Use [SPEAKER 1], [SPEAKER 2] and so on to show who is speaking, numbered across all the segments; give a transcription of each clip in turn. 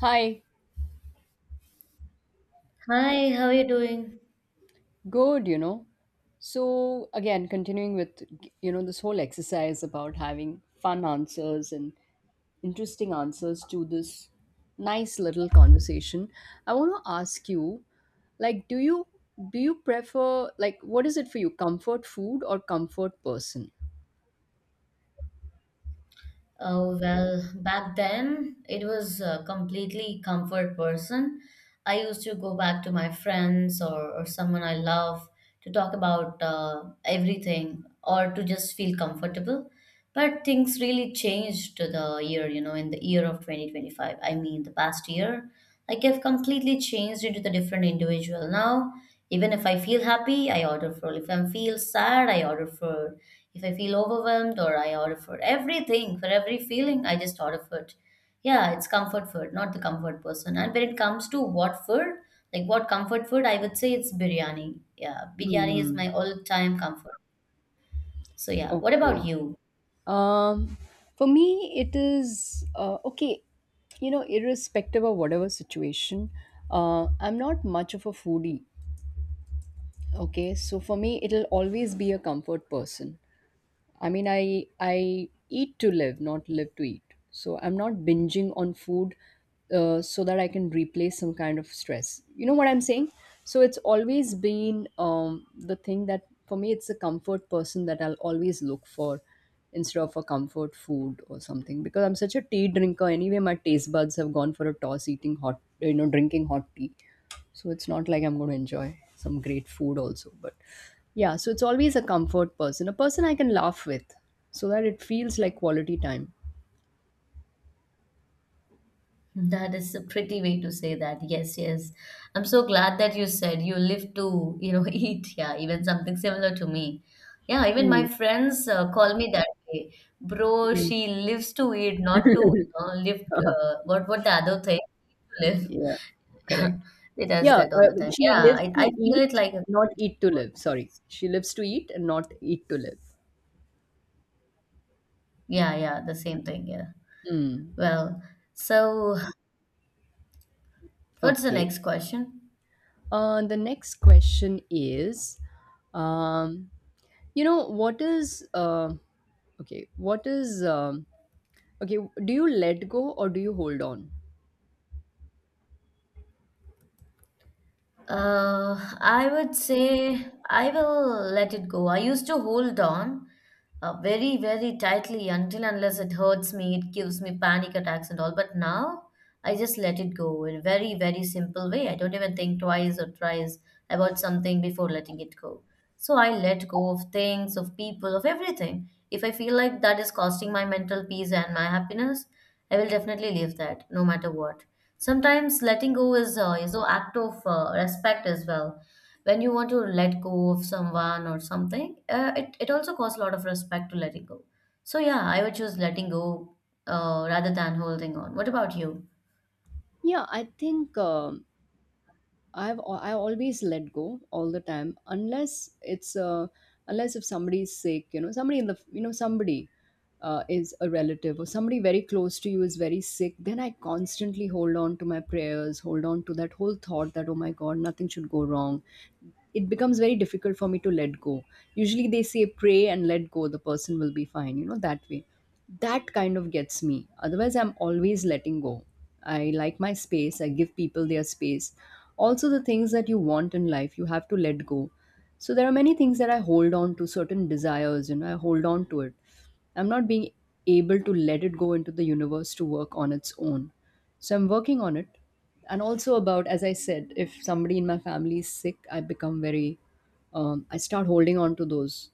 [SPEAKER 1] Hi,
[SPEAKER 2] Hi, how are you doing?
[SPEAKER 1] good, you know. So, again, continuing with, you know, this whole exercise about having fun answers and interesting answers to this nice little conversation, I want to ask you, like, do you prefer like what is it for you, comfort food or comfort person?
[SPEAKER 2] Oh, well, back then it was completely comfort person. I used to go back to my friends or someone I love to talk about everything or to just feel comfortable. But things really changed to the year, you know, in the year of 2025. I mean, the past year, like I've completely changed into the different individual now. Even if I feel happy, I order for. If I feel sad, I order for if I feel overwhelmed or I order for everything, for every feeling, I just order food. Yeah, it's comfort food, not the comfort person. And when it comes to what food, like what comfort food, I would say it's biryani. Yeah, biryani is my all-time comfort. So yeah, what about
[SPEAKER 1] Okay.
[SPEAKER 2] you?
[SPEAKER 1] Um, for me, it is okay. You know, irrespective of whatever situation, I'm not much of a foodie. Okay, so for me, it'll always be a comfort person. I mean, I eat to live, not live to eat. So I'm not binging on food so that I can replace some kind of stress. You know what I'm saying? So it's always been the thing that for me, it's a comfort person that I'll always look for instead of a comfort food or something, because I'm such a tea drinker anyway. My taste buds have gone for a toss eating hot, you know, drinking hot tea. So it's not like I'm going to enjoy some great food also, but yeah, so it's always a comfort person, a person I can laugh with, so that it feels like quality time.
[SPEAKER 2] That is a pretty way to say that. Yes, yes. I'm so glad that you said you live to, you know, eat. Yeah, even something similar to me. Yeah, even
[SPEAKER 1] Mm,
[SPEAKER 2] my friends call me that way. Bro,
[SPEAKER 1] mm.
[SPEAKER 2] she lives to eat, not to, you know, live. What the other thing? Live.
[SPEAKER 1] Yeah,
[SPEAKER 2] Yeah,
[SPEAKER 1] correct.
[SPEAKER 2] they does
[SPEAKER 1] Yeah,
[SPEAKER 2] that all the time.
[SPEAKER 1] she
[SPEAKER 2] Yeah,
[SPEAKER 1] lives
[SPEAKER 2] I
[SPEAKER 1] to
[SPEAKER 2] feel it
[SPEAKER 1] eat,
[SPEAKER 2] like,
[SPEAKER 1] not eat to live. Sorry, she lives to eat and not eat to live.
[SPEAKER 2] yeah, yeah, the same thing. Yeah.
[SPEAKER 1] mm.
[SPEAKER 2] Well, so what's the
[SPEAKER 1] Okay.
[SPEAKER 2] next question?
[SPEAKER 1] The next question is, um, you know, what is okay? What is okay? Do you let go or do you hold on?
[SPEAKER 2] I would say I will let it go. I used to hold on very, very tightly until unless it hurts me, it gives me panic attacks and all. But now I just let it go in a very, very simple way. I don't even think twice or thrice about something before letting it go. So I let go of things, of people, of everything. If I feel like that is costing my mental peace and my happiness, I will definitely leave that no matter what. Sometimes letting go is an act of respect as well. When you want to let go of someone or something, it also costs a lot of respect to letting go. So yeah, I would choose letting go rather than holding on. What about you?
[SPEAKER 1] Yeah, I think I always let go all the time, unless it's unless if somebody is sick, you know, somebody is a relative or somebody very close to you is very sick, then I constantly hold on to my prayers, hold on to that whole thought that, oh my god, nothing should go wrong. It becomes very difficult for me to let go. Usually they say pray and let go, the person will be fine, you know, that way. That kind of gets me. Otherwise, I'm always letting go. I like my space. I give people their space. Also, the things that you want in life, you have to let go. So there are many things that I hold on to, certain desires, you know, I hold on to it. I'm not being able to let it go into the universe to work on its own. So I'm working on it. And also about, as I said, if somebody in my family is sick, I become very I start holding on to those,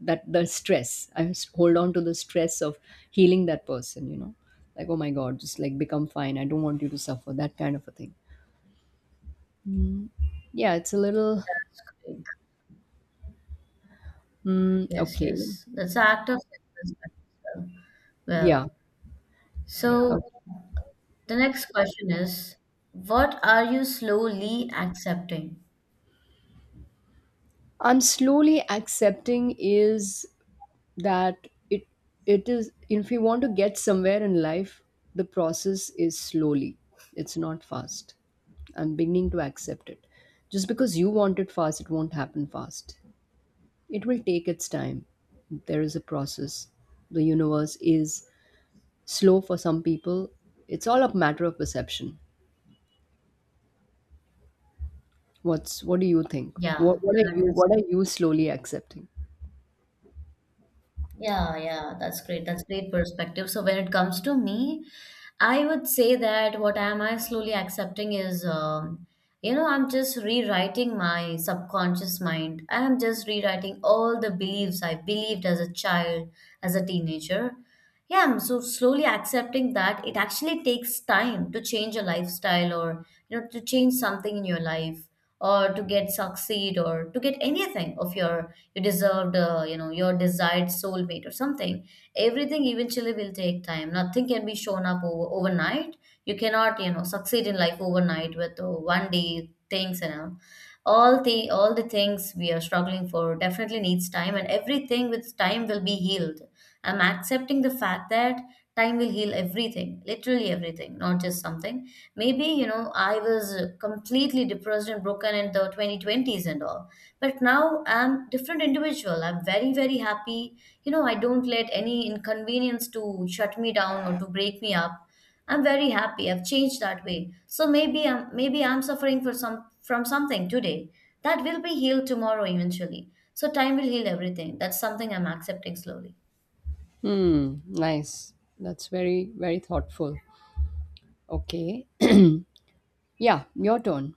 [SPEAKER 1] that the stress I s- hold on to the stress of healing that person, you know, like, oh my god, just, like, become fine, I don't want you to suffer, that kind of a thing. Yeah, it's a little
[SPEAKER 2] Yes,
[SPEAKER 1] okay.
[SPEAKER 2] yes, that's an act of respect as well.
[SPEAKER 1] Yeah.
[SPEAKER 2] Well, so
[SPEAKER 1] Okay.
[SPEAKER 2] the next question is, what are you slowly accepting?
[SPEAKER 1] I'm slowly accepting is that it it is, if you want to get somewhere in life, the process is slowly. It's not fast. I'm beginning to accept it. Just because you want it fast, it won't happen fast. It will take its time. There is a process. The universe is slow for some people. It's all a matter of perception. What's, what do you think? What
[SPEAKER 2] yeah
[SPEAKER 1] what are
[SPEAKER 2] that
[SPEAKER 1] you
[SPEAKER 2] is
[SPEAKER 1] what are you slowly accepting?
[SPEAKER 2] Yeah, yeah, that's great. That's great perspective. So when it comes to me, I would say that what am I slowly accepting is, you know, I'm just rewriting my subconscious mind. I'm just rewriting all the beliefs I believed as a child, as a teenager. Yeah, I'm so slowly accepting that it actually takes time to change a lifestyle or you know to change something in your life or to get succeed or to get anything of your you deserved you know your desired soulmate or something. Everything eventually will take time. Nothing can be shown up overnight. You cannot you know succeed in life overnight with one day things and all. All the things we are struggling for definitely needs time, and everything with time will be healed. I'm accepting the fact that time will heal everything, literally everything, not just something. Maybe, you know, I was completely depressed and broken in the 2020s and all. But now I'm different individual. I'm very, very happy. You know, I don't let any inconvenience to shut me down or to break me up. I'm very happy. I've changed that way. So maybe I'm suffering for some from something today. That will be healed tomorrow eventually. So time will heal everything. That's something I'm accepting slowly.
[SPEAKER 1] Hmm, nice. That's very, very thoughtful. Okay. Yeah, your turn.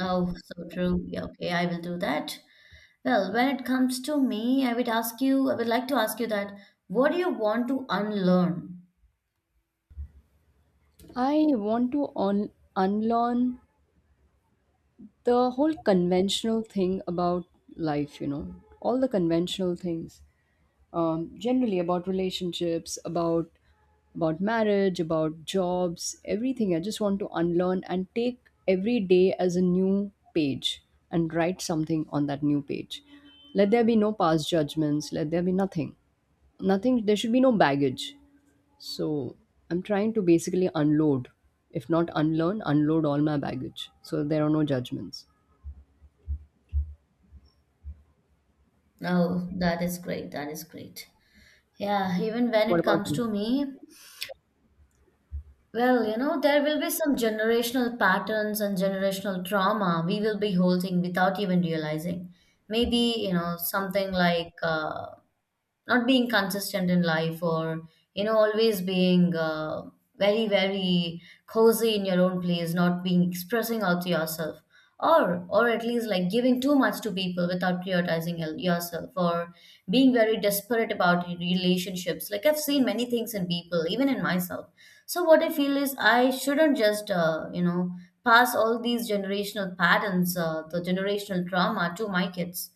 [SPEAKER 2] Oh, so true. Yeah, okay, I will do that. Well, when it comes to me, I would like to ask you that what do you want to unlearn?
[SPEAKER 1] I want to on unlearn the whole conventional thing about life, you know, all the conventional things, generally about relationships, about marriage, about jobs, everything. I just want to unlearn and take every day as a new page and write something on that new page. Let there be no past judgments, let there be nothing. Nothing, there should be no baggage. So I'm trying to basically unload, if not unlearn, unload all my baggage. So there are no judgments.
[SPEAKER 2] Oh, that is great. That is great. Yeah, even when
[SPEAKER 1] What
[SPEAKER 2] it
[SPEAKER 1] about
[SPEAKER 2] comes
[SPEAKER 1] you?
[SPEAKER 2] to me, well, you know, there will be some generational patterns and generational trauma we will be holding without even realizing. Maybe, you know, something like not being consistent in life or you know always being very, very cozy in your own place, not being expressing out to yourself or at least like giving too much to people without prioritizing yourself or being very desperate about your relationships. Like I've seen many things in people, even in myself. So what I feel is I shouldn't just you know pass all these generational patterns, the generational trauma, to my kids.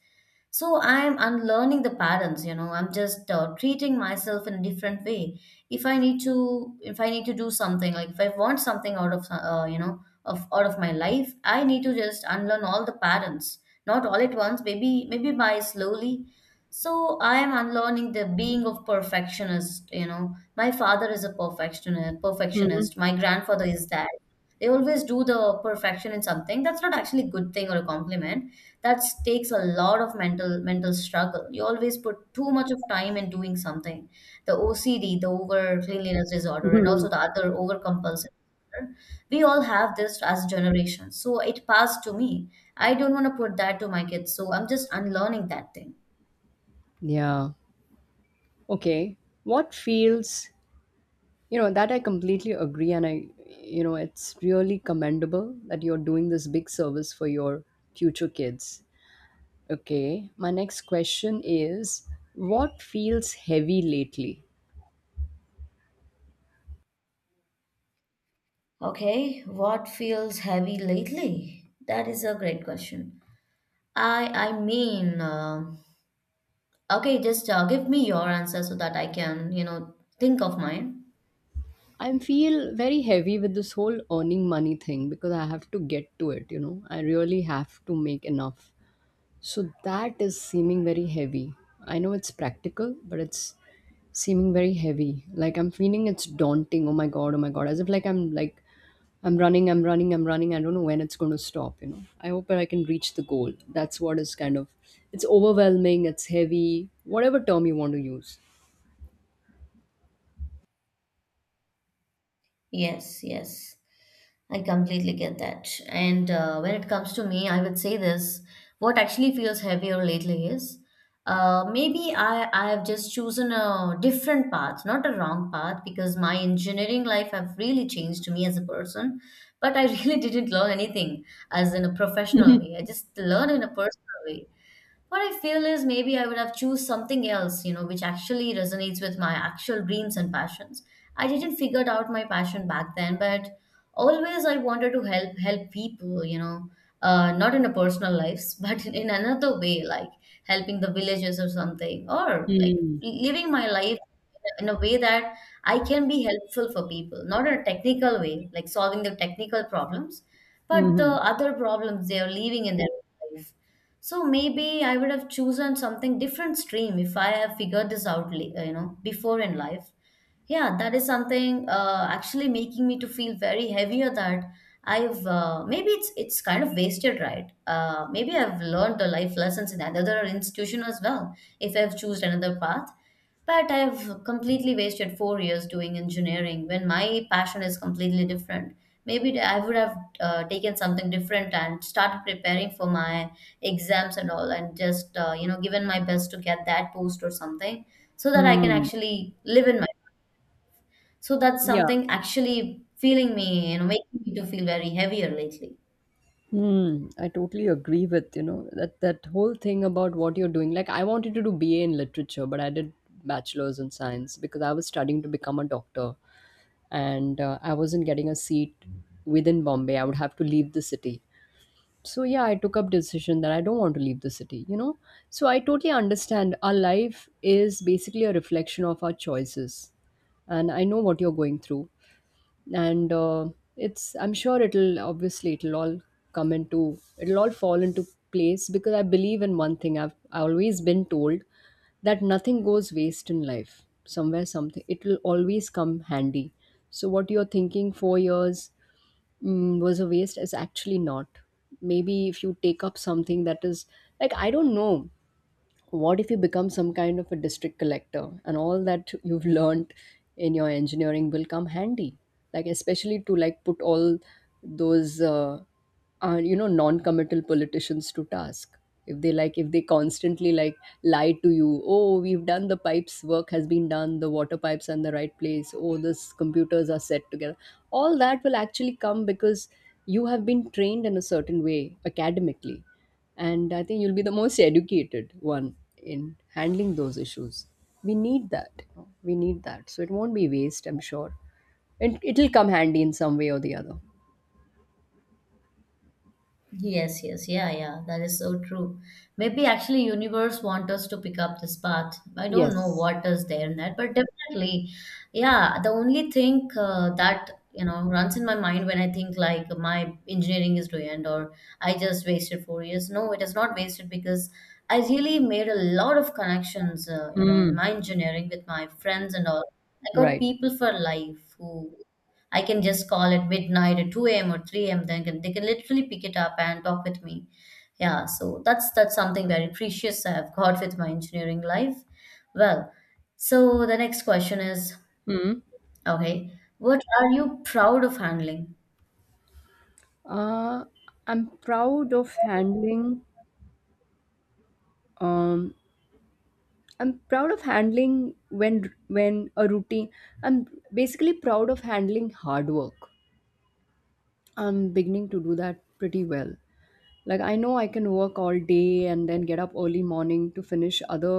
[SPEAKER 2] So I'm unlearning the patterns, you know. I'm just treating myself in a different way. If I need to do something, like if I want something out of, you know, of out of my life, I need to just unlearn all the patterns, not all at once. Maybe, maybe by slowly. So I am unlearning the being of perfectionist. You know, my father is a perfectionist.
[SPEAKER 1] Hmm.
[SPEAKER 2] Perfectionist. My grandfather is that. They always do the perfection in something. That's not actually a good thing or a compliment. That takes a lot of mental struggle. You always put too much of time in doing something. The OCD, the over cleanliness disorder, and also the other over compulsive disorder. We all have this as generations. So it passed to me. I don't want to put that to my kids. So I'm just unlearning that thing.
[SPEAKER 1] Yeah. Okay. What feels, you know, that I completely agree. And I, you know, it's really commendable that you're doing this big service for your future kids. Okay. My next question is, what feels heavy lately?
[SPEAKER 2] Okay, what feels heavy lately? That is a great question. I mean. Okay, just give me your answer so that I can, you know, think of mine.
[SPEAKER 1] I feel very heavy with this whole earning money thing because I have to get to it, you know. I really have to make enough. So that is seeming very heavy. I know it's practical, but it's seeming very heavy. Like, I'm feeling it's daunting. Oh my god, oh my god. As if, like, I'm like, I'm running. I don't know when it's going to stop, you know. I hope that I can reach the goal. That's what is kind of, it's overwhelming, it's heavy, whatever term you want to use.
[SPEAKER 2] Yes, yes, I completely get that. And when it comes to me, I would say this: what actually feels heavier lately is maybe I have just chosen a different path, not a wrong path, because my engineering life have really changed me as a person. But I really didn't learn anything as in a professional way. I just learned in a personal way. What I feel is maybe I would have choose something else, you know, which actually resonates with my actual dreams and passions. I didn't figure out my passion back then, but always I wanted to help people, you know. Not in a personal lives but in another way, like helping the villages or something, or like
[SPEAKER 1] Mm.
[SPEAKER 2] living my life in a way that I can be helpful for people, not in a technical way like solving the technical problems, but the
[SPEAKER 1] Mm-hmm.
[SPEAKER 2] other problems they are living in their life. So maybe I would have chosen something different stream if I have figured this out, you know, before in life. Yeah, that is something actually making me to feel very heavier that I've maybe it's kind of wasted, right? Maybe I've learned the life lessons in another institution as well if I've chosen another path. But I've completely wasted 4 years doing engineering when my passion is completely different. Maybe I would have taken something different and started preparing for my exams and all, and just you know given my best to get that post or something so that I can
[SPEAKER 1] Mm.
[SPEAKER 2] actually live in my. So that's
[SPEAKER 1] Yeah.
[SPEAKER 2] something actually feeling me, you know, making me to feel very heavier lately.
[SPEAKER 1] Hmm, I totally agree with, you know, that that whole thing about what you're doing. Like, I wanted to do BA in literature, but I did bachelor's in science because I was studying to become a doctor, and I wasn't getting a seat within Bombay. I would have to leave the city. So yeah, I took up decision that I don't want to leave the city, you know. So I totally understand our life is basically a reflection of our choices. And I know what you're going through, and it's, I'm sure it'll all fall into place, because I believe in one thing. I've always been told that nothing goes waste in life, somewhere something it will always come handy. So what you're thinking 4 years was a waste is actually not. Maybe if you take up something that is, like, I don't know, what if you become some kind of a district collector and all that, you've learned in your engineering will come handy, like especially to, like, put all those you know, non-committal politicians to task, if they, like, if they constantly, like, lie to you, oh, we've done the pipes, work has been done, the water pipes are in the right place, oh, this computers are set together, all that will actually come, because you have been trained in a certain way academically, and I think you'll be the most educated one in handling those issues. We need that, you know, we need that, so it won't be waste, I'm sure, and it'll come handy in some way or the other.
[SPEAKER 2] Yes, yes, yeah, yeah, that is so true. Maybe actually universe want us to pick up this path. I don't know
[SPEAKER 1] Yes.
[SPEAKER 2] what is there in that, but definitely, yeah, the only thing that you know runs in my mind when I think like my engineering is to end or I just wasted 4 years. No, it is not wasted because I really made a lot of connections, you know, in
[SPEAKER 1] Hmm.
[SPEAKER 2] my engineering with my friends and all. I got
[SPEAKER 1] Right.
[SPEAKER 2] people for life who I can just call at midnight at 2 a.m. or 3 a.m. They can literally pick it up and talk with me. Yeah, so that's something very precious I've got with my engineering life. Well, so the next question is,
[SPEAKER 1] Hmm.
[SPEAKER 2] okay, what are you proud of handling?
[SPEAKER 1] uh, I'm proud of handling um, I'm proud of handling when a routine I'm basically proud of handling hard work. I'm beginning to do that pretty well. Like, I know I can work all day and then get up early morning to finish other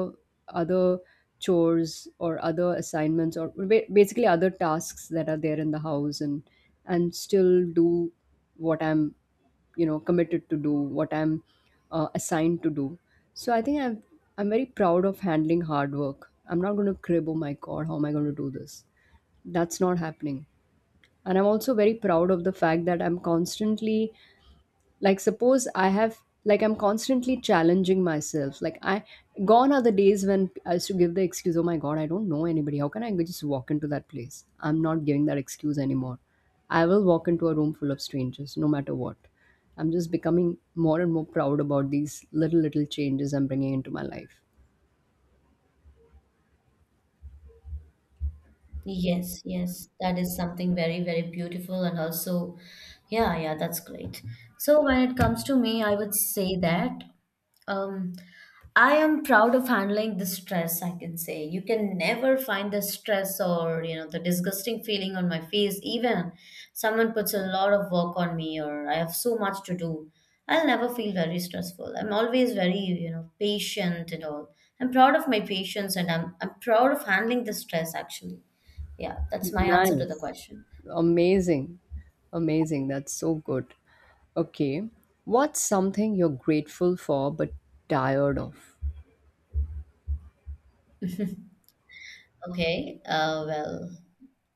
[SPEAKER 1] other chores or other assignments or basically other tasks that are there in the house, and still do what I'm, you know, committed to do, what I'm assigned to do. So I think I'm very proud of handling hard work. I'm not going to crib, oh my god, how am I going to do this? That's not happening. And I'm also very proud of the fact that I'm constantly, like, suppose I have, like, I'm constantly challenging myself, like, I, gone are the days when I used to give the excuse, oh my god, I don't know anybody, how can I just walk into that place? I'm not giving that excuse anymore. I will walk into a room full of strangers no matter what. I'm just becoming more and more proud about these little little changes I'm bringing into my life.
[SPEAKER 2] Yes, yes, that is something very, very beautiful and also, yeah, yeah, that's great. So when it comes to me, I would say that um, I am proud of handling the stress, I can say. You can never find the stress or, you know, the disgusting feeling on my face. Even someone puts a lot of work on me or I have so much to do. I'll never feel very stressful. I'm always very, you know, patient and all. I'm proud of my patience, and I'm proud of handling the stress actually. Yeah, that's my answer to the
[SPEAKER 1] Nice.
[SPEAKER 2] question.
[SPEAKER 1] Amazing, amazing, that's so good. Okay. What's something you're grateful for but tired of?
[SPEAKER 2] Okay. Well,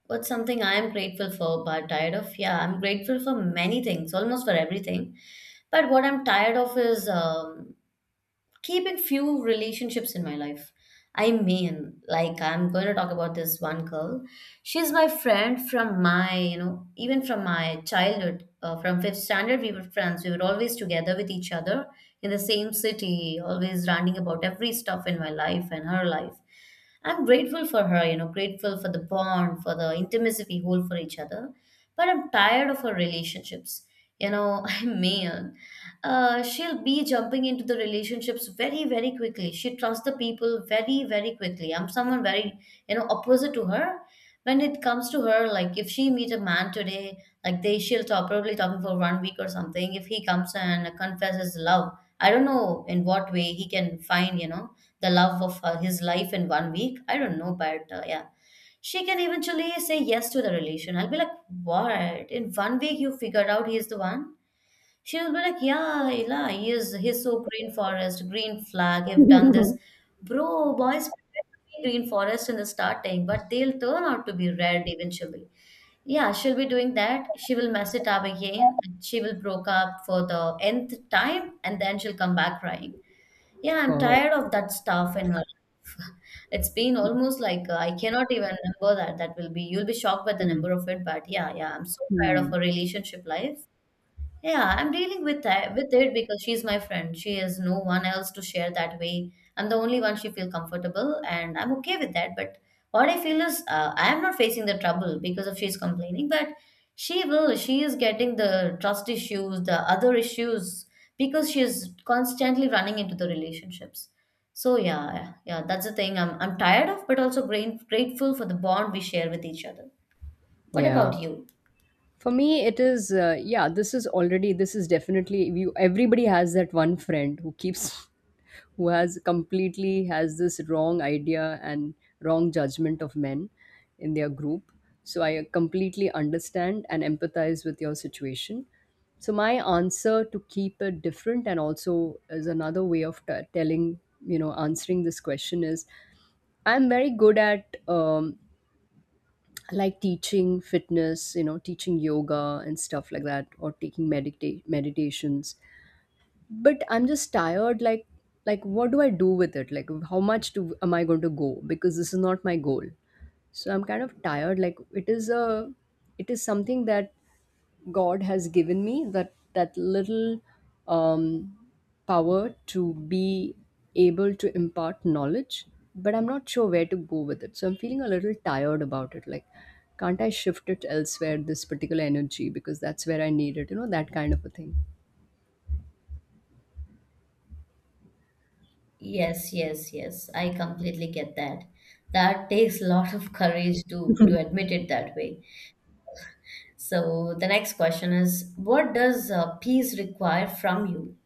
[SPEAKER 2] what's something I am grateful for but tired of? Yeah, I'm grateful for many things, almost for everything. But what I'm tired of is keeping few relationships in my life. I mean, like I'm going to talk about this one girl. She's my friend from even from my childhood. From fifth standard, we were friends. We were always together with each other in the same city, always ranting about every stuff in my life and her life. I'm grateful for her, grateful for the bond, for the intimacy we hold for each other. But I'm tired of her relationships. You know, she'll be jumping into the relationships very, very quickly. She trusts the people very, very quickly. I'm someone very, opposite to her. When it comes to her, like if she meet a man today, like they she'll talk probably talking for 1 week or something. If he comes and confesses love, I don't know in what way he can find, the love of his life in 1 week. I don't know, but yeah, she can eventually say yes to the relation. I'll be like, what? In 1 week, you figured out he's the one? She will be like, yeah, Ella, he's so green forest, green flag, have done this. Bro, boys pretend to be green forest in the starting, but they'll turn out to be red eventually. Yeah, she'll be doing that. She will mess it up again. And she will broke up for the nth time, and then she'll come back crying. Yeah, I'm
[SPEAKER 1] God.
[SPEAKER 2] tired of that stuff in her life. It's been almost like I cannot even remember that. That will be, you'll be shocked by the number of it. But yeah, yeah, I'm so tired of
[SPEAKER 1] Hmm.
[SPEAKER 2] her relationship life. Yeah, I'm dealing with that with it because she's my friend. She has no one else to share that way. I'm the only one she feel comfortable, and I'm okay with that. But what I feel is I am not facing the trouble because of she's complaining, but she will. She is getting the trust issues, the other issues because she's constantly running into the relationships. So yeah, yeah, that's the thing I'm tired of, but also grateful for the bond we share with each other. What
[SPEAKER 1] Yeah.
[SPEAKER 2] about you?
[SPEAKER 1] For me, it is, yeah, this is already, this is definitely, we, everybody has that one friend who keeps, who has completely has this wrong idea and wrong judgment of men in their group. So I completely understand and empathize with your situation. So my answer to keep it different, and also is another way of telling, you know, answering this question is, I'm very good at like, teaching fitness, you know, teaching yoga and stuff like that, or taking meditations, but I'm just tired, like, what do I do with it? Like, how much do am I going to go, because this is not my goal. So I'm kind of tired, like, it is a, it is something that God has given me, that that little um, power to be able to impart knowledge, but I'm not sure where to go with it. So I'm feeling a little tired about it. Like, can't I shift it elsewhere? This particular energy, because that's where I need it. You know, that kind of a thing.
[SPEAKER 2] Yes, yes, yes. I completely get that. That takes a lot of courage to admit it that way. So the next question is, what does peace require from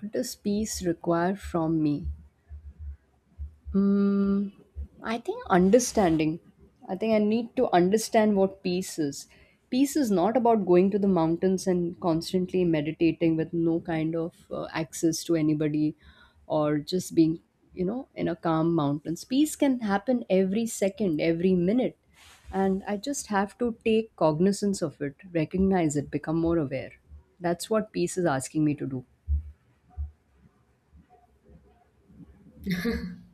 [SPEAKER 1] What does peace require from me? Mm, I think understanding. I think I need to understand what peace is. Peace is not about going to the mountains and constantly meditating with no kind of access to anybody, or just being, you know, in a calm mountains. Peace can happen every second, every minute. And I just have to take cognizance of it, recognize it, become more aware. That's what peace is asking me to do.
[SPEAKER 2] you?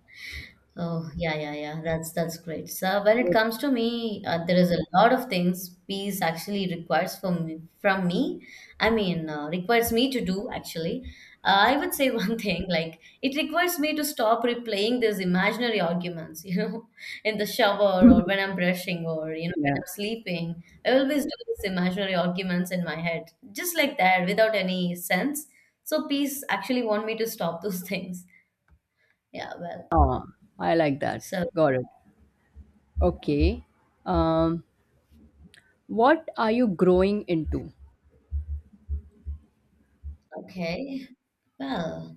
[SPEAKER 2] Oh, yeah, yeah, yeah. That's great. So when it
[SPEAKER 1] What-
[SPEAKER 2] comes to me, there is a lot of things peace actually requires from me. I mean, requires me to do actually. I would say one thing, like it requires me to stop replaying these imaginary arguments, you know, in the shower or when I'm brushing or you know when
[SPEAKER 1] Yeah.
[SPEAKER 2] I'm sleeping. I always do these imaginary arguments in my head, just like that, without any sense. So peace actually want me to stop those things. Yeah, well,
[SPEAKER 1] Ah, I like that.
[SPEAKER 2] so.
[SPEAKER 1] Got it. Okay. Um, what are you growing into?
[SPEAKER 2] Okay. Well,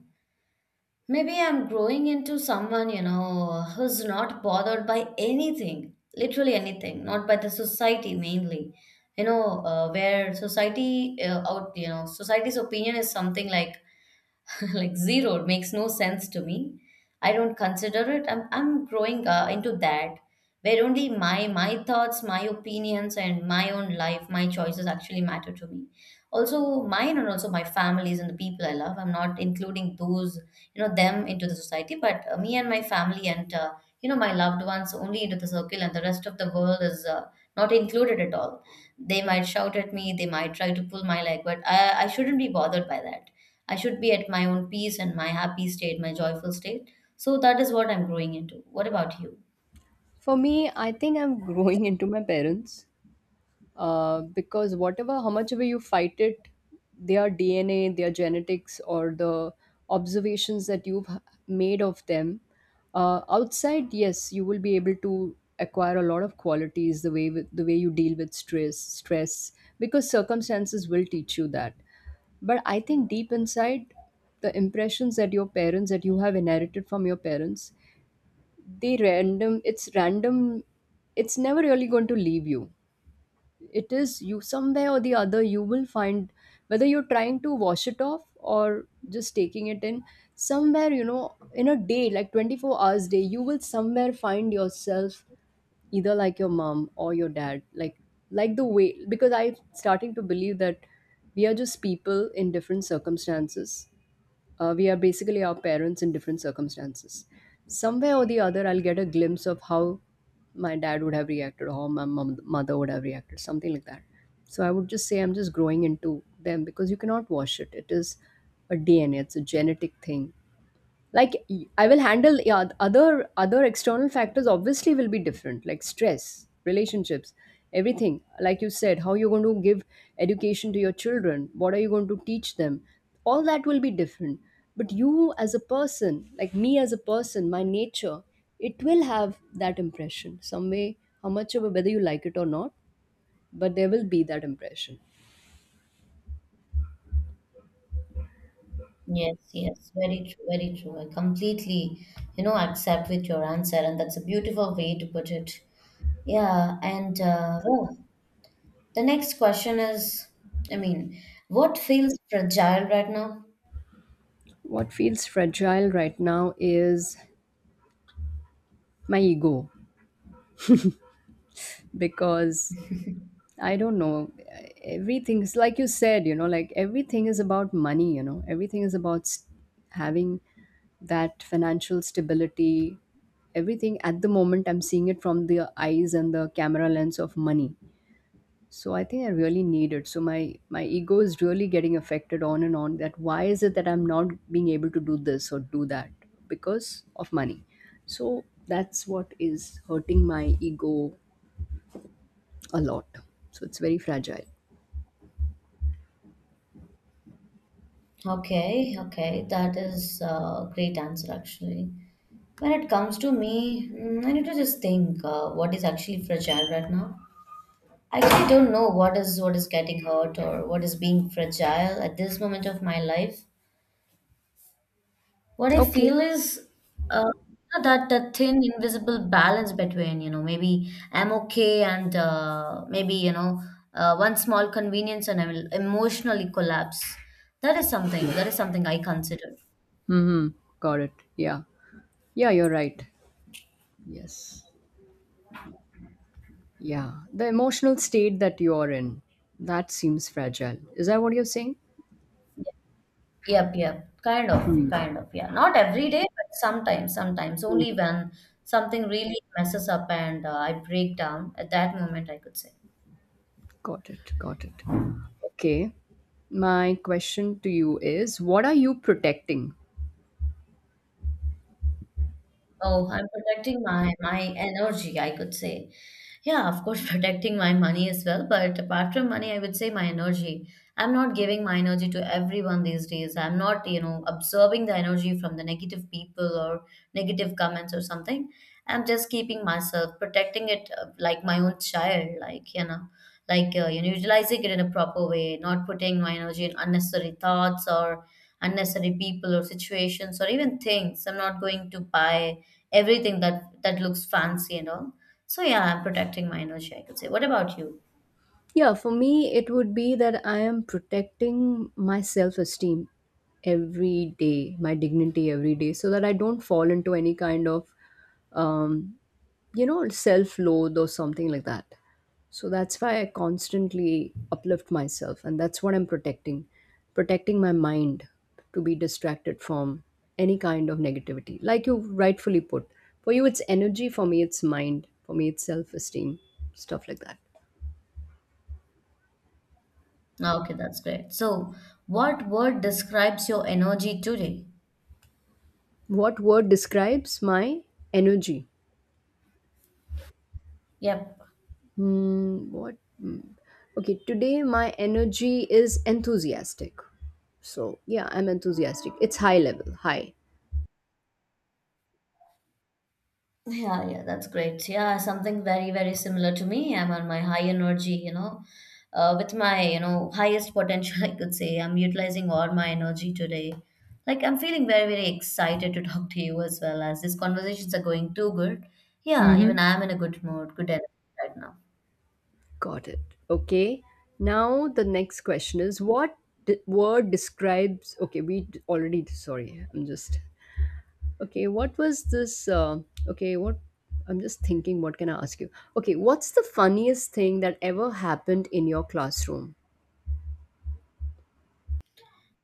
[SPEAKER 2] maybe I'm growing into someone, you know, who's not bothered by anything, literally anything, not by the society mainly. You know, society's opinion is something like like zero, it makes no sense to me. I don't consider it. I'm growing into that where only my thoughts, my opinions and my own life, my choices actually matter to me. Also mine and also my families and the people I love. I'm not including those, you know, them into the society, but me and my family and my loved ones only into the circle, and the rest of the world is not included at all. They might shout at me, they might try to pull my leg, but I shouldn't be bothered by that. I should be at my own peace and my happy state, my joyful state. So that is what I'm growing into. What about you?
[SPEAKER 1] For me, I think I'm growing into my parents. Because whatever how much ever you fight it, their DNA, their genetics, or the observations made of them outside, yes, you will be able to acquire a lot of qualities, the way with, the way you deal with stress, because circumstances will teach you that. But I think deep inside, the impressions that your parents, that you have inherited from your parents, they random, it's random, it's never really going to leave you. It is you, somewhere or the other you will find, whether you're trying to wash it off or just taking it in, somewhere, you know, in a day, like 24 hours day, you will somewhere find yourself either like your mom or your dad, like the way, because I'm starting to believe that we are just people in different circumstances. We are basically our parents in different circumstances. Somewhere or the other, I'll get a glimpse of how my dad would have reacted, or how my mom, mother would have reacted, something like that. So I would just say I'm just growing into them because you cannot wash it. It is a DNA, it's a genetic thing. Like I will handle, yeah, other external factors obviously will be different, like stress, relationships, everything, like you said, how you're going to give education to your children, what are you going to teach them, all that will be different. But you as a person, like me as a person, my nature, it will have that impression some way how much of a, whether you like it or not, but there will be that impression.
[SPEAKER 2] Yes, yes, very true, very true. I completely, you know, accept with your answer, and that's a beautiful way to put it. Yeah, and the next question is, I mean, what feels fragile right now?
[SPEAKER 1] What feels fragile right now is my ego, because I don't know. Everything is like you said, you know, like everything is about money, you know, everything is about s having that financial stability. Everything at the moment, I'm seeing it from the eyes and the camera lens of money. So I think I really need it. So my ego is really getting affected on and on. That why is it that I'm not being able to do this or do that because of money? So that's what is hurting my ego a lot. So it's very fragile.
[SPEAKER 2] Okay, okay, that is a great answer actually. When it comes to me, I need to just think what is actually fragile right now. I actually don't know what is getting hurt or what is being fragile at this moment of my life. What I
[SPEAKER 1] Okay.
[SPEAKER 2] feel is uh, that thin invisible balance between you know maybe I'm okay and maybe you know one small convenience and I will emotionally collapse. That is something
[SPEAKER 1] Yeah.
[SPEAKER 2] I consider.
[SPEAKER 1] Mhm. Got it. Yeah. Yeah, you're right. Yes. Yeah. The emotional state that you're in, that seems fragile. Is that what you're saying?
[SPEAKER 2] Yep, yep. Kind of,
[SPEAKER 1] Hmm.
[SPEAKER 2] kind of. Yeah. Not every day, but sometimes, sometimes. Only
[SPEAKER 1] Hmm.
[SPEAKER 2] when something really messes up and I break down, at that moment, I could say.
[SPEAKER 1] Got it. Got it. Okay. My question to you is, what are you protecting?
[SPEAKER 2] Oh, I'm protecting my energy, I could say. Yeah, of course, protecting my money as well. But apart from money, I would say my energy. I'm not giving my energy to everyone these days. I'm not, you know, absorbing the energy from the negative people or negative comments or something. I'm just keeping myself, protecting it like my own child, like, utilizing it in a proper way, not putting my energy in unnecessary thoughts or unnecessary people or situations or even things. I'm not going to buy everything that looks fancy and all. So yeah, I'm protecting my energy, I could say. What about you?
[SPEAKER 1] Yeah, for me, it would be that I am protecting my self esteem every day, my dignity every day, so that I don't fall into any kind of um, you know, self loathe or something like that. So that's why I constantly uplift myself, and that's what I'm protecting, my mind, to be distracted from any kind of negativity. Like you rightfully put, for you it's energy, for me it's mind, for me it's self esteem, stuff like that.
[SPEAKER 2] Ah, okay, that's great. So what word describes your energy today?
[SPEAKER 1] What word describes my energy?
[SPEAKER 2] Yep.
[SPEAKER 1] Hmm, what? Hmm. Okay, today my energy is enthusiastic. So, yeah, I'm enthusiastic. It's high level, high.
[SPEAKER 2] Yeah, yeah, that's great. Yeah, something very, very similar to me. I'm on my high energy, you know, with my, you know, highest potential, I could say. I'm utilizing all my energy today. Like, I'm feeling very, very excited to talk to you, as well as these conversations are going too good. Yeah, even I'm in a good mood, good energy right now.
[SPEAKER 1] Got it. Okay. Now the next question is, what word describes? Okay, we already. Sorry, I'm just. Okay, what was this? Okay, what? I'm just thinking. What can I ask you? Okay, what's the funniest thing that ever happened in your classroom?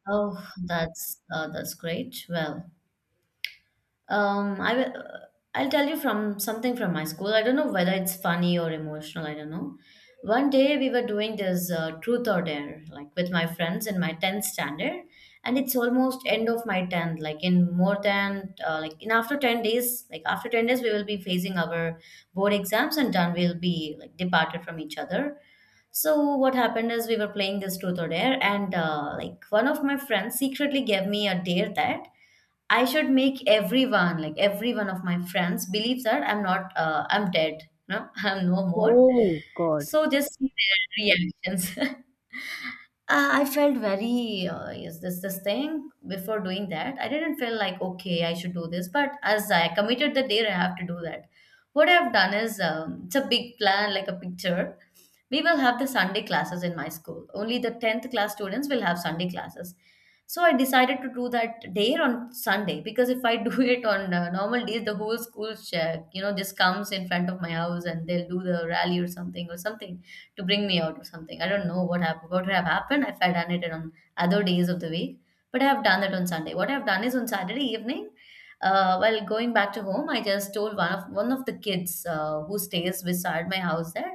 [SPEAKER 2] Oh, that's great. Well, I will. I'll tell you from something from my school. I don't know whether it's funny or emotional. I don't know. One day we were doing this truth or dare, like with my friends in my tenth standard, and it's almost end of my tenth. Like in more than like in after 10 days, like after 10 days we will be facing our board exams and done. We'll be like departed from each other. So what happened is we were playing this truth or dare, and like one of my friends secretly gave me a dare that I should make everyone, like every one of my friends, believe that I'm dead, no, I'm no more.
[SPEAKER 1] Oh God.
[SPEAKER 2] So just see their reactions. I felt very, is this this thing? Before doing that, I didn't feel like, okay, I should do this. But as I committed the day, I have to do that. What I've done is, it's a big plan, like a picture. We will have the Sunday classes in my school. Only the 10th class students will have Sunday classes. So I decided to do that day on Sunday because if I do it on normal days, the whole school, just comes in front of my house and they'll do the rally or something to bring me out or something. I don't know what happened, what would have happened if I done it on other days of the week, but I have done that on Sunday. What I have done is on Saturday evening, while going back to home, I just told one of the kids who stays beside my house that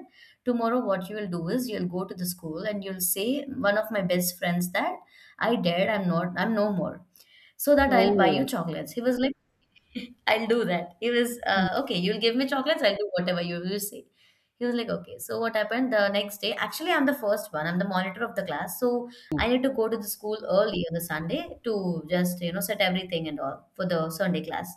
[SPEAKER 2] tomorrow, what you will do is you'll go to the school and you'll say one of my best friends that I dared, I'm no more. So that I'll buy you
[SPEAKER 1] Oh.
[SPEAKER 2] chocolates. He was like, I'll do that. He was, okay, you'll give me chocolates, I'll do whatever you say. He was like, okay. So what happened the next day? Actually, I'm the first one. I'm the monitor of the class. So I need to go to the school early on the Sunday to just, you know, set everything and all for the Sunday class.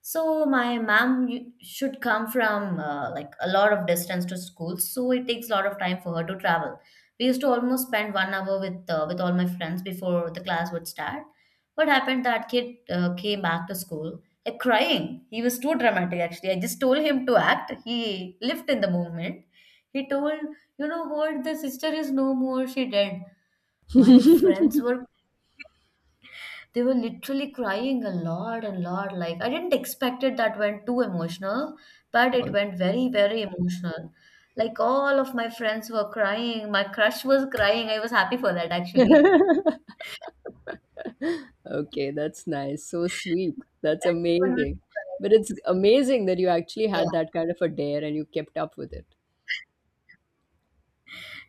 [SPEAKER 2] So my mom should come from like a lot of distance to school. So it takes a lot of time for her to travel. We used to almost spend 1 hour with all my friends before the class would start. What happened that kid came back to school crying. He was too dramatic, actually. I just told him to act. He lived in the moment. He told, you know what, the sister is no more. She dead. My friends were, they were literally crying a lot and lot. Like, I didn't expect it that went too emotional, but it
[SPEAKER 1] how-
[SPEAKER 2] went very, very emotional. Like, all of my friends were crying. My crush was crying. I was happy for that, actually.
[SPEAKER 1] Okay, that's nice. So sweet. That's
[SPEAKER 2] Everyone was
[SPEAKER 1] amazing. But
[SPEAKER 2] crying.
[SPEAKER 1] it's amazing that you actually had that kind of a dare and you kept up with it.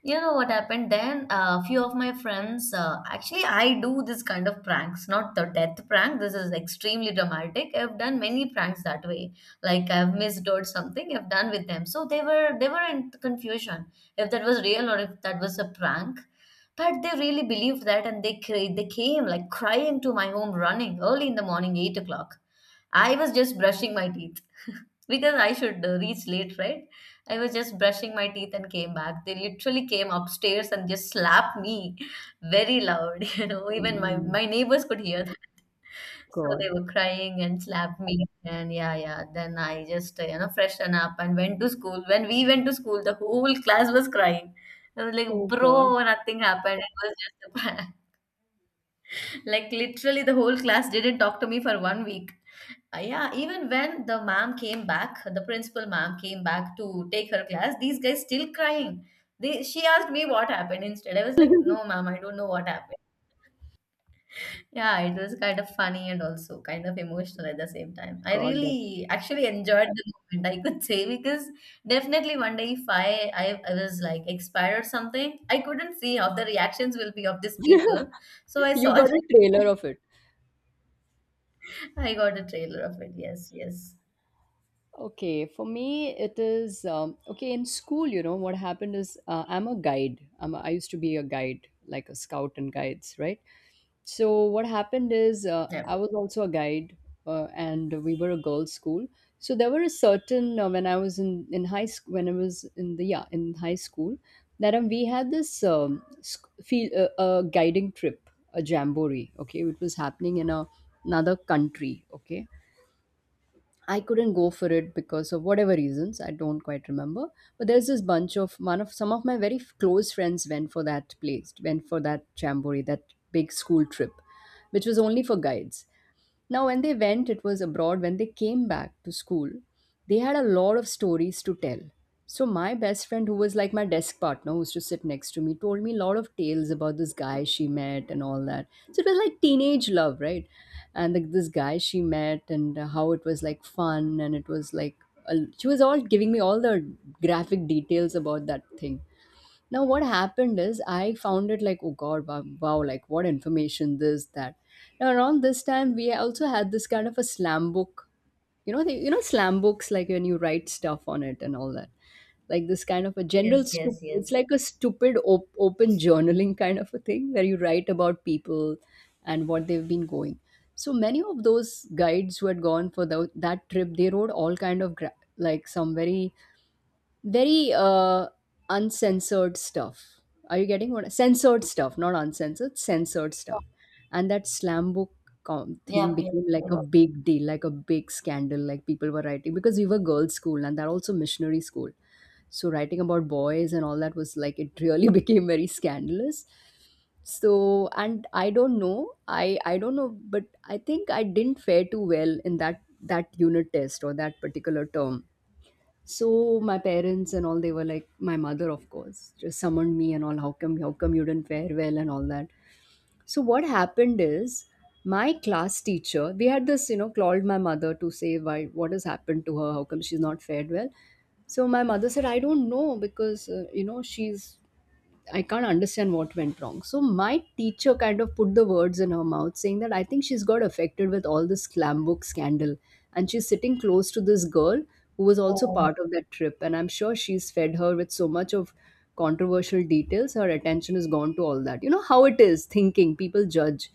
[SPEAKER 2] You know what happened then? A few of my friends, actually, I do this kind of pranks, not the death prank. This is extremely dramatic. I've done many pranks that way. Like I've missed or something. I've done with them, so they were in confusion if that was real or if that was a prank. But they really believed that, and they came like crying to my home, running early in the morning, 8 o'clock. I was just brushing my teeth because I should reach late, right? I was just brushing my teeth and came back. They literally came upstairs and just slapped me very loud. You know, even my
[SPEAKER 1] Mm,
[SPEAKER 2] my neighbors could hear that. So they
[SPEAKER 1] God.
[SPEAKER 2] were crying and slapped me. And yeah, yeah. Then I just you know freshened up and went to school. When we went to school, the whole class was crying. I was like,
[SPEAKER 1] Oh God.
[SPEAKER 2] bro, nothing happened. It was just a prank. Like literally, the whole class didn't talk to me for 1 week. Yeah, even when the ma'am came back, the principal ma'am came back to take her class, these guys still crying. They, she asked me what happened instead. I was like, no, ma'am, I don't know what happened. Yeah, it was kind of funny and also kind of emotional at the same time. I
[SPEAKER 1] God, that
[SPEAKER 2] really actually enjoyed the moment, I could say, because definitely one day if I was like expired or something, I couldn't see how the reactions will be of these people. So I
[SPEAKER 1] you got
[SPEAKER 2] saw,
[SPEAKER 1] a trailer of it.
[SPEAKER 2] I got a trailer of it. Yes, yes.
[SPEAKER 1] Okay, for me it is okay, in school. You know what happened is I'm a guide. I used to be a guide, like a scout and guides, right? So what happened is
[SPEAKER 2] Yeah.
[SPEAKER 1] I was also a guide, and we were a girls' school. So there were a certain when I was in high school, when I was in the, yeah, in high school, that we had this sc- feel guiding trip, a jamboree. Okay, it was happening in a, another country. Okay, I couldn't go for it because of whatever reasons I don't quite remember. But there's this bunch of one of some of my very close friends went for that place, went for that jamboree, that big school trip, which was only for guides. Now, when they went, it was abroad. When they came back to school, they had a lot of stories to tell. So, my best friend, who was like my desk partner, who used to sit next to me, told me a lot of tales about this guy she met and all that. So, it was like teenage love, right? And like this guy she met and how it was like fun. And it was like, a, she was all giving me all the graphic details about that thing. Now, what happened is I found it like, oh God, wow, wow, like what information, this, that. Now, around this time, we also had this kind of a slam book. You know, the, you know, slam books, like when you write stuff on it and all that. Like this kind of a general,
[SPEAKER 2] Yes, yes,
[SPEAKER 1] it's
[SPEAKER 2] yes.
[SPEAKER 1] like a stupid open journaling kind of a thing where you write about people and what they've been going. So many of those guides who had gone for that trip, they wrote all kind of like some very very uncensored stuff. Are you getting what? Censored stuff, not uncensored, censored stuff. And that slam book thing
[SPEAKER 2] Yep, yep.
[SPEAKER 1] became like a big deal, like a big scandal. Like people were writing, because we were girls' school and that also missionary school. So writing about boys and all that was like it really became very scandalous. So, and I don't know, I don't know, but I think I didn't fare too well in that, that unit test or that particular term. So my parents and all, they were like, my mother of course just summoned me and all, how come, how come you didn't fare well and all that. So what happened is my class teacher, we had this, you know, called my mother to say why, what has happened to her, how come she's not fared well. So my mother said, I don't know, because you know, she's, I can't understand what went wrong. So my teacher kind of put the words in her mouth, saying that, I think she's got affected with all this clam book scandal, and she's sitting close to this girl who was also
[SPEAKER 2] Oh,
[SPEAKER 1] part of that trip, and I'm sure she's fed her with so much of controversial details. Her attention is gone to all that. You know how it is. Thinking people judge.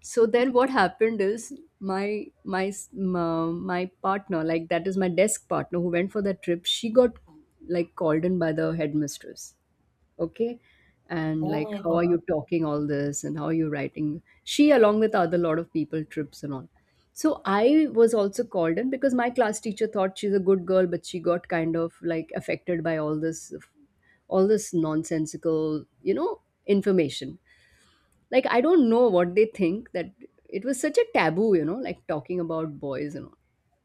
[SPEAKER 1] So then what happened is my partner, like that is my desk partner who went for that trip. She got like called in by the headmistress, okay, and
[SPEAKER 2] oh
[SPEAKER 1] like,
[SPEAKER 2] my
[SPEAKER 1] how are
[SPEAKER 2] God.
[SPEAKER 1] you talking all this and how are you writing, she along with other lot of people, trips and all. So I was also called in because my class teacher thought she's a good girl, but she got kind of like affected by all this, all this nonsensical, you know, information. Like I don't know what they think, that it was such a taboo, you know, like talking about boys and all.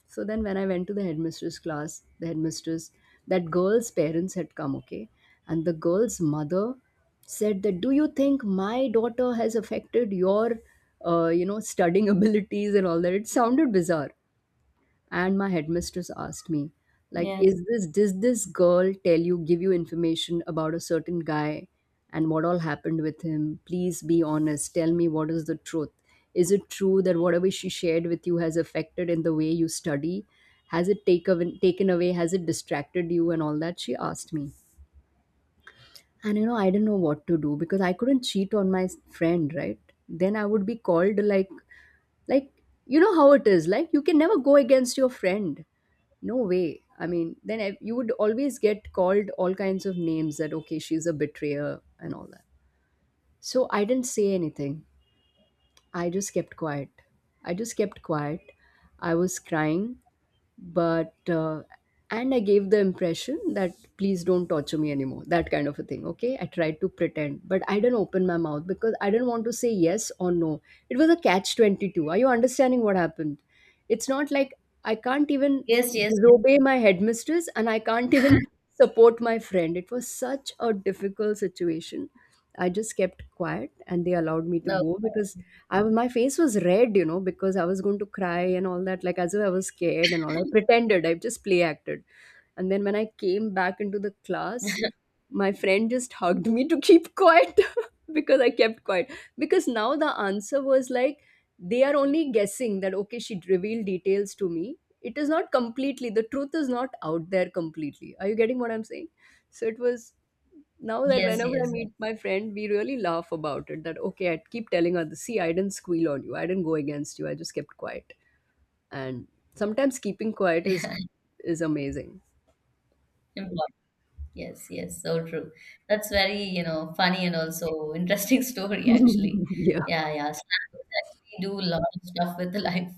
[SPEAKER 1] So then when I went to the headmistress class, the headmistress, that girl's parents had come, okay? And the girl's mother said that, do you think my daughter has affected your, you know, studying abilities and all that? It sounded bizarre. And my headmistress asked me, like,
[SPEAKER 2] Yes.
[SPEAKER 1] is this, does this girl tell you, give you information about a certain guy and what all happened with him, please be honest, tell me what is the truth, is it true that whatever she shared with you has affected in the way you study, has it take, taken away, has it distracted you and all that, she asked me. And, you know, I didn't know what to do, because I couldn't cheat on my friend, right? Then I would be called like, you know how it is, like you can never go against your friend. No way. I mean, then I, you would always get called all kinds of names, that, okay, she's a betrayer and all that. So I didn't say anything. I just kept quiet. I just kept quiet. I was crying, but and I gave the impression that please don't torture me anymore, that kind of a thing. Okay, I tried to pretend, but I didn't open my mouth because I didn't want to say yes or no. It was a catch 22, are you understanding what happened? It's not like, I can't even
[SPEAKER 2] Yes, yes, yes.
[SPEAKER 1] disobey my headmistress and I can't even support my friend. It was such a difficult situation. I just kept quiet and they allowed me to
[SPEAKER 2] No.
[SPEAKER 1] go because I was, my face was red, you know, because I was going to cry and all that, like as if I was scared and all. I pretended, I just play acted. And then when I came back into the class, my friend just hugged me to keep quiet because I kept quiet. Because now the answer was like, they are only guessing that, okay, she revealed details to me. It is not completely, the truth is not out there completely. Are you getting what I'm saying? So it was, now that
[SPEAKER 2] Yes,
[SPEAKER 1] whenever I
[SPEAKER 2] yes,
[SPEAKER 1] meet my friend, we really laugh about it. That okay, I keep telling her, see, I didn't squeal on you. I didn't go against you. I just kept quiet. And sometimes keeping quiet is
[SPEAKER 2] yes.
[SPEAKER 1] is amazing.
[SPEAKER 2] Important. Yes, yes, so true. That's very, you know, funny and also interesting story actually.
[SPEAKER 1] Yeah.
[SPEAKER 2] Yeah, yeah. Snappers actually do a lot of stuff with the life.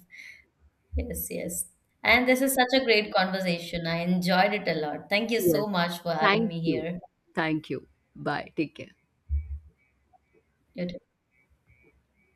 [SPEAKER 2] Yes, yes. And this is such a great conversation. I enjoyed it a lot. Thank you
[SPEAKER 1] Yes.
[SPEAKER 2] so much for having
[SPEAKER 1] Thank
[SPEAKER 2] me
[SPEAKER 1] you.
[SPEAKER 2] here.
[SPEAKER 1] Thank you. Bye. Take care.
[SPEAKER 2] You too.